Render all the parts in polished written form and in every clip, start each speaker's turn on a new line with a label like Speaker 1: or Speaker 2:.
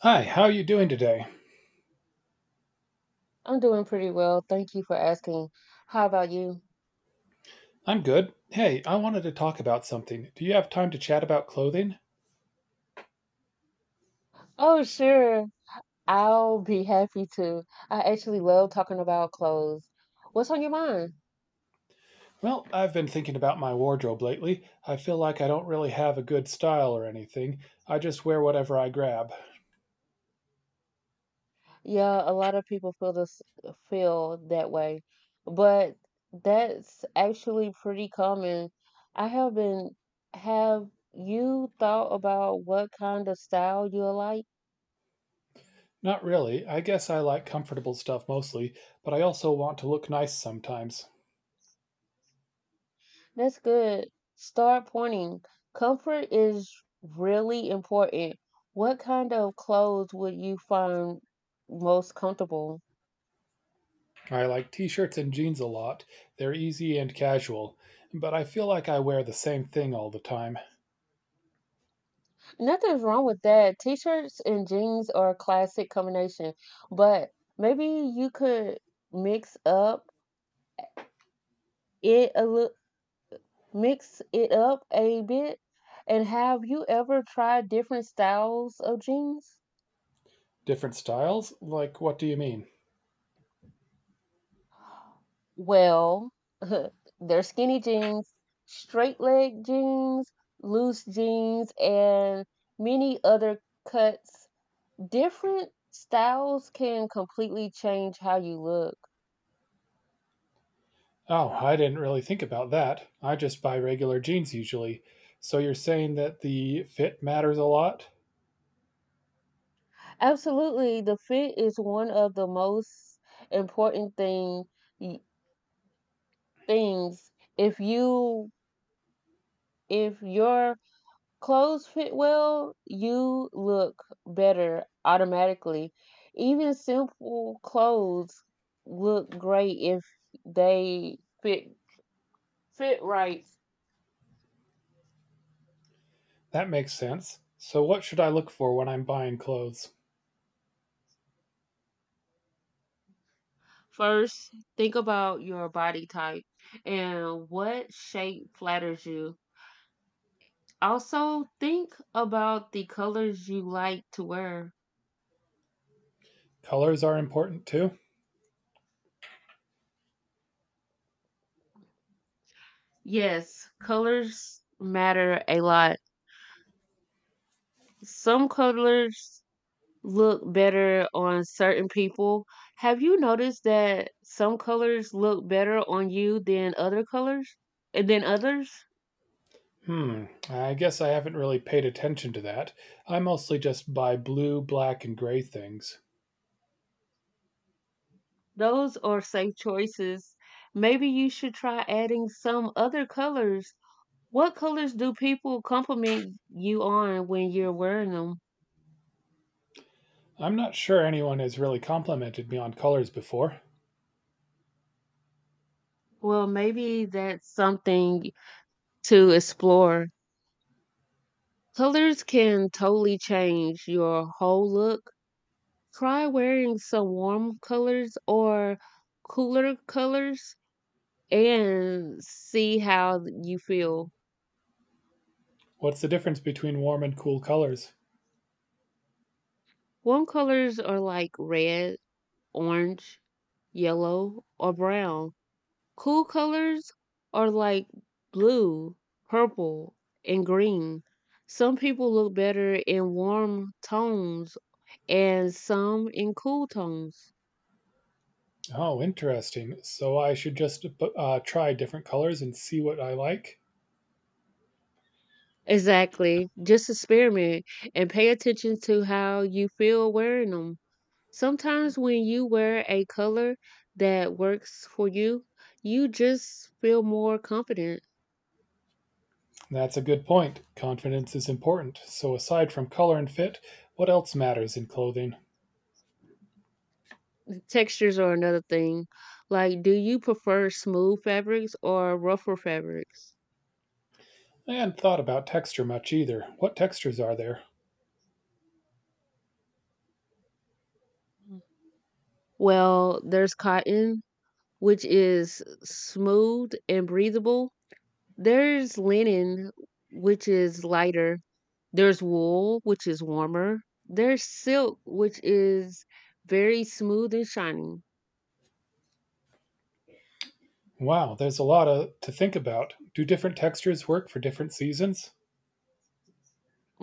Speaker 1: Hi, how are you doing today?
Speaker 2: I'm doing pretty well. Thank you for asking. How about you?
Speaker 1: I'm good. Hey, I wanted to talk about something. Do you have time to chat about clothing?
Speaker 2: Oh, sure. I'll be happy to. I actually love talking about clothes. What's on your mind?
Speaker 1: Well, I've been thinking about my wardrobe lately. I feel like I don't really have a good style or anything. I just wear whatever I grab.
Speaker 2: Yeah, a lot of people feel that way, but that's actually pretty common. I have been have you thought about what kind of style you like?
Speaker 1: Not really. I guess I like comfortable stuff mostly, but I also want to look nice sometimes.
Speaker 2: That's good. Start pointing. Comfort is really important. What kind of clothes would you find most comfortable?
Speaker 1: I like t shirts and jeans a lot. They're easy and casual. But I feel like I wear the same thing all the time.
Speaker 2: Nothing's wrong with that. T-shirts and jeans are a classic combination, but maybe you could mix up it a little, mix it up a bit. And have you ever tried different styles of jeans?
Speaker 1: Different styles? Like, what do you mean?
Speaker 2: Well, they're skinny jeans, straight leg jeans, loose jeans, and many other cuts. Different styles can completely change how you look.
Speaker 1: Oh, I didn't really think about that. I just buy regular jeans usually. So you're saying that the fit matters a lot?
Speaker 2: Absolutely, the fit is one of the most important thing y- things. If you if your Clothes fit well, you look better automatically. Even simple clothes look great if they fit fit right.
Speaker 1: That makes sense. So what should I look for when I'm buying clothes?
Speaker 2: First, think about your body type and what shape flatters you. Also, think about the colors you like to wear.
Speaker 1: Colors are important too?
Speaker 2: Yes, colors matter a lot. Some colors look better on certain people. Have you noticed that some colors look better on you than other colors and than others?
Speaker 1: Hmm, I guess I haven't really paid attention to that. I mostly just buy blue, black, and gray things.
Speaker 2: Those are safe choices. Maybe you should try adding some other colors. What colors do people compliment you on when you're wearing them?
Speaker 1: I'm not sure anyone has really complimented me on colors before.
Speaker 2: Well, maybe that's something to explore. Colors can totally change your whole look. Try wearing some warm colors or cooler colors and see how you feel.
Speaker 1: What's the difference between warm and cool colors?
Speaker 2: Warm colors are like red, orange, yellow, or brown. Cool colors are like blue, purple, and green. Some people look better in warm tones and some in cool tones.
Speaker 1: Oh, interesting. So I should just try different colors and see what I like?
Speaker 2: Exactly. Just experiment and pay attention to how you feel wearing them. Sometimes when you wear a color that works for you, you just feel more confident.
Speaker 1: That's a good point. Confidence is important. So aside from color and fit, what else matters in clothing?
Speaker 2: Textures are another thing. Like, do you prefer smooth fabrics or rougher fabrics?
Speaker 1: I hadn't thought about texture much either. What textures are there?
Speaker 2: Mm. Well, there's cotton, which is smooth and breathable. There's linen, which is lighter. There's wool, which is warmer. There's silk, which is very smooth and shiny.
Speaker 1: Wow, there's a lot of, to think about. Do different textures work for different seasons?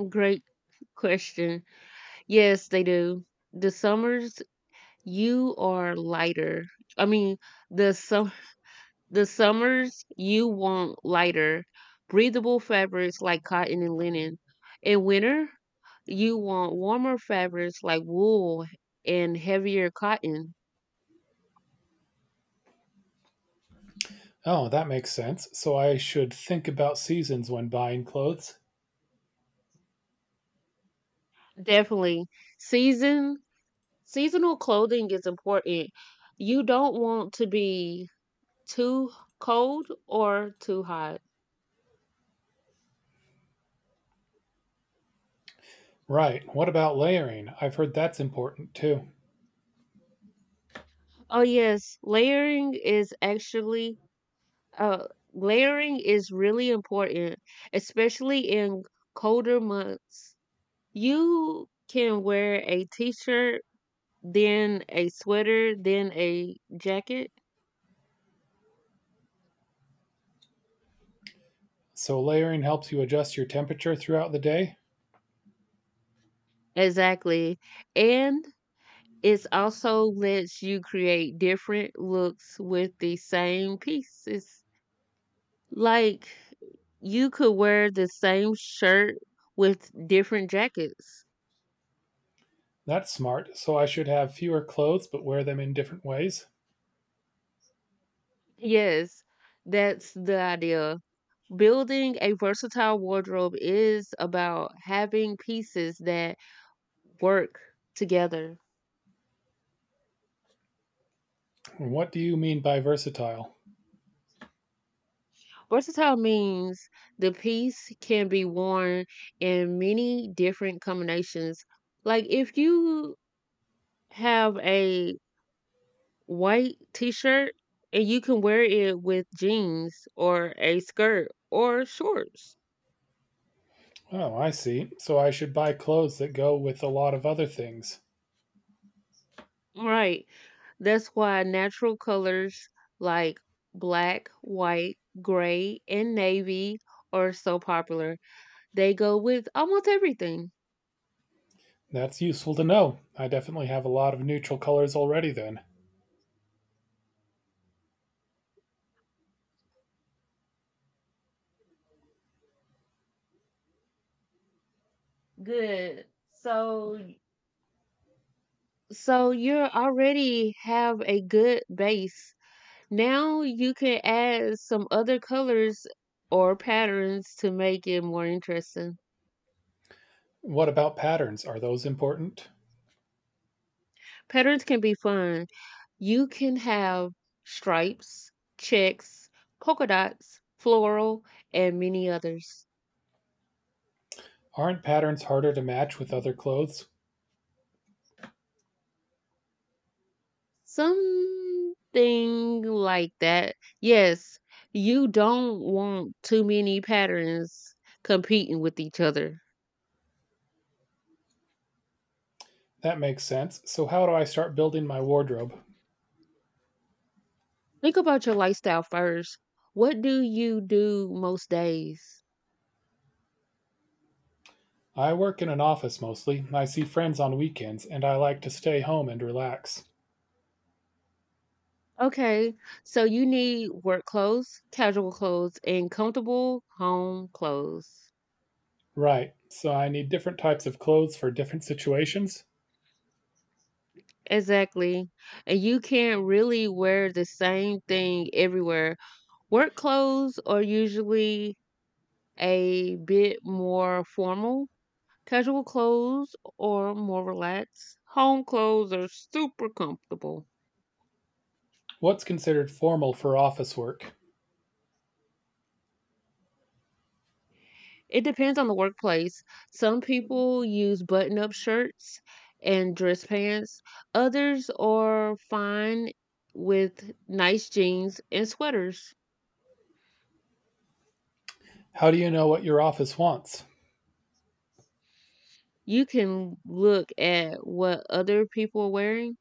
Speaker 2: Great question. Yes, they do. The summers you are lighter. I mean, the sum the summers you want lighter, breathable fabrics like cotton and linen. In winter, you want warmer fabrics like wool and heavier cotton.
Speaker 1: Oh, that makes sense. So I should think about seasons when buying clothes.
Speaker 2: Definitely. Season Seasonal clothing is important. You don't want to be too cold or too hot.
Speaker 1: Right. What about layering? I've heard that's important too.
Speaker 2: Oh yes, uh layering is really important, especially in colder months. You can wear a t-shirt, then a sweater, then a jacket.
Speaker 1: So layering helps you adjust your temperature throughout the day?
Speaker 2: Exactly. And it also lets you create different looks with the same pieces. Like you could wear the same shirt with different jackets.
Speaker 1: That's smart. So I should have fewer clothes but wear them in different ways?
Speaker 2: Yes, that's the idea. Building a versatile wardrobe is about having pieces that work together.
Speaker 1: What do you mean by versatile?
Speaker 2: Versatile means the piece can be worn in many different combinations. Like if you have a white t-shirt and you can wear it with jeans or a skirt or shorts.
Speaker 1: Oh, I see. So I should buy clothes that go with a lot of other things.
Speaker 2: Right. That's why natural colors like black, white, gray, and navy are so popular. They go with almost everything.
Speaker 1: That's useful to know. I definitely have a lot of neutral colors already then.
Speaker 2: Good. So So you already have a good base. Now you can add some other colors or patterns to make it more interesting.
Speaker 1: What about patterns? Are those important?
Speaker 2: Patterns can be fun. You can have stripes, checks, polka dots, floral, and many others.
Speaker 1: Aren't patterns harder to match with other clothes?
Speaker 2: Something like that. Yes, you don't want too many patterns competing with each other.
Speaker 1: That makes sense. So how do I start building my wardrobe?
Speaker 2: Think about your lifestyle first. What do you do most days?
Speaker 1: I work in an office mostly. I see friends on weekends and I like to stay home and relax.
Speaker 2: Okay, so you need work clothes, casual clothes, and comfortable home clothes.
Speaker 1: Right. So I need different types of clothes for different situations.
Speaker 2: Exactly. And you can't really wear the same thing everywhere. Work clothes are usually a bit more formal. Casual clothes are more relaxed. Home clothes are super comfortable.
Speaker 1: What's considered formal for office work?
Speaker 2: It depends on the workplace. Some people use button up shirts and dress pants, others are fine with nice jeans and sweaters.
Speaker 1: How do you know what your office wants?
Speaker 2: You can look at what other people are wearing,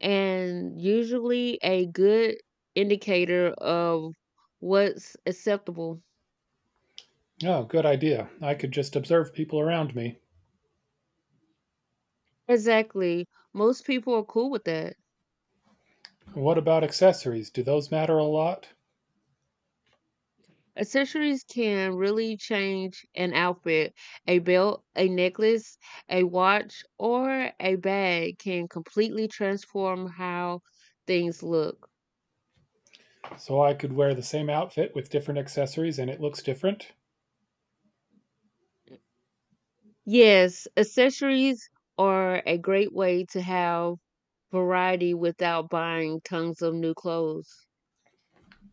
Speaker 2: and usually a good indicator of what's acceptable.
Speaker 1: Oh, good idea. I could just observe people around me.
Speaker 2: Exactly. Most people are cool with that.
Speaker 1: What about accessories? Do those matter a lot?
Speaker 2: Accessories can really change an outfit. A belt, a necklace, a watch, or a bag can completely transform how things look.
Speaker 1: So I could wear the same outfit with different accessories and it looks different?
Speaker 2: Yes, accessories are a great way to have variety without buying tons of new clothes.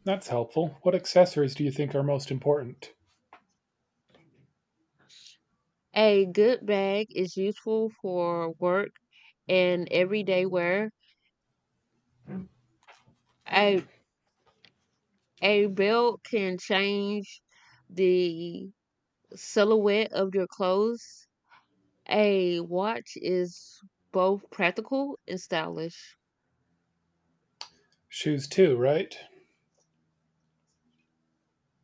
Speaker 1: That's helpful. What accessories do you think are most important?
Speaker 2: A good bag is useful for work and everyday wear. A a belt can change the silhouette of your clothes. A watch is both practical and stylish.
Speaker 1: Shoes, too, right?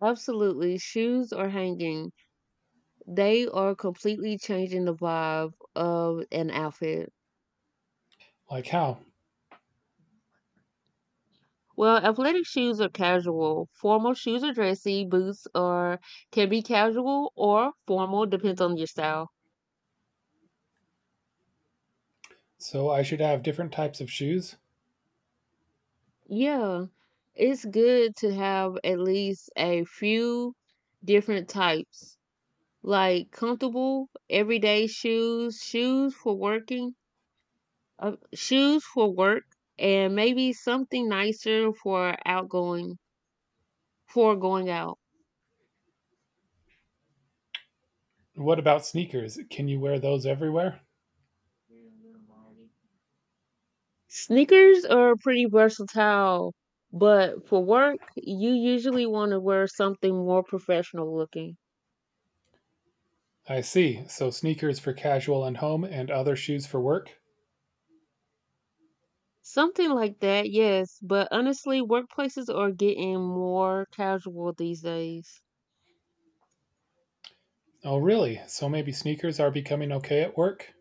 Speaker 2: Absolutely, shoes are hanging. They are completely changing the vibe of an outfit.
Speaker 1: Like how?
Speaker 2: Well, athletic shoes are casual. Formal shoes are dressy. Boots are can be casual or formal, depends on your style.
Speaker 1: So I should have different types of shoes?
Speaker 2: Yeah, it's good to have at least a few different types, like comfortable everyday shoes, shoes for work, and maybe something for going out.
Speaker 1: What about sneakers? Can you wear those everywhere?
Speaker 2: Sneakers are pretty versatile, but for work, you usually want to wear something more professional looking.
Speaker 1: I see. So sneakers for casual and home and other shoes for work?
Speaker 2: Something like that, yes, but honestly, workplaces are getting more casual these days.
Speaker 1: Oh, really? So maybe sneakers are becoming okay at work?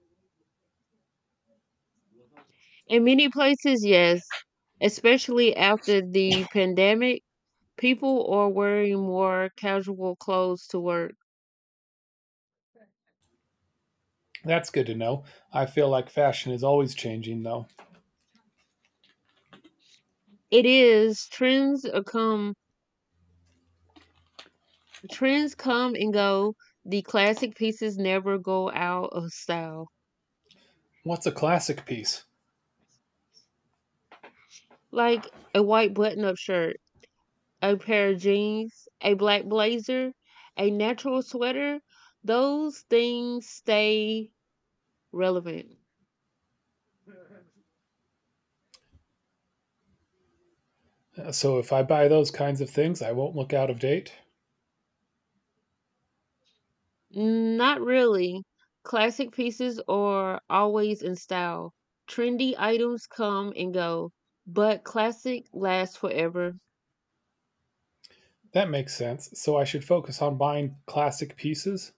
Speaker 2: In many places, yes, especially after the pandemic, people are wearing more casual clothes to work.
Speaker 1: That's good to know. I feel like fashion is always changing, though.
Speaker 2: It is trends are come trends come and go. The classic pieces never go out of style.
Speaker 1: What's a classic piece?
Speaker 2: Like a white button up shirt, a pair of jeans, a black blazer, a natural sweater, those things stay relevant.
Speaker 1: So, if I buy those kinds of things, I won't look out of date?
Speaker 2: Not really. Classic pieces are always in style. Trendy items come and go, but classic lasts forever.
Speaker 1: That makes sense. So, I should focus on buying classic pieces?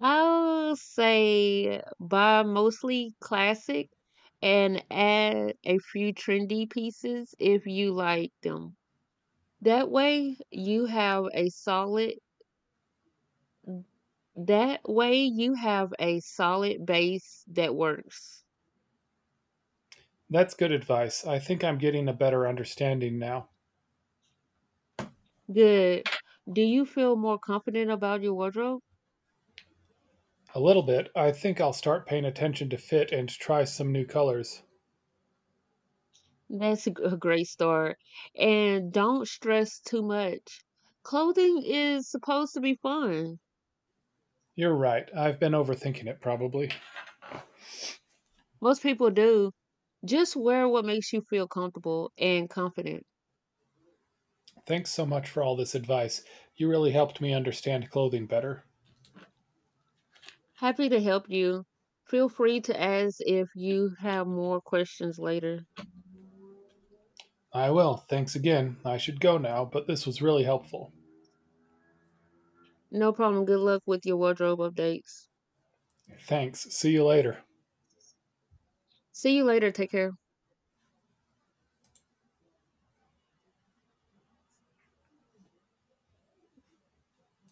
Speaker 2: I'll say buy mostly classic and add a few trendy pieces if you like them. That way you have a solid that way you have a solid base that works.
Speaker 1: That's good advice. I think I'm getting a better understanding now.
Speaker 2: Good. Do you feel more confident about your wardrobe?
Speaker 1: A little bit. I think I'll start paying attention to fit and try some new colors.
Speaker 2: That's a great start. And don't stress too much. Clothing is supposed to be fun.
Speaker 1: You're right. I've been overthinking it, probably.
Speaker 2: Most people do. Just wear what makes you feel comfortable and confident.
Speaker 1: Thanks so much for all this advice. You really helped me understand clothing better.
Speaker 2: Happy to help you. Feel free to ask if you have more questions later.
Speaker 1: I will. Thanks again. I should go now, but this was really helpful.
Speaker 2: No problem. Good luck with your wardrobe updates.
Speaker 1: Thanks. See you later.
Speaker 2: See you later. Take care.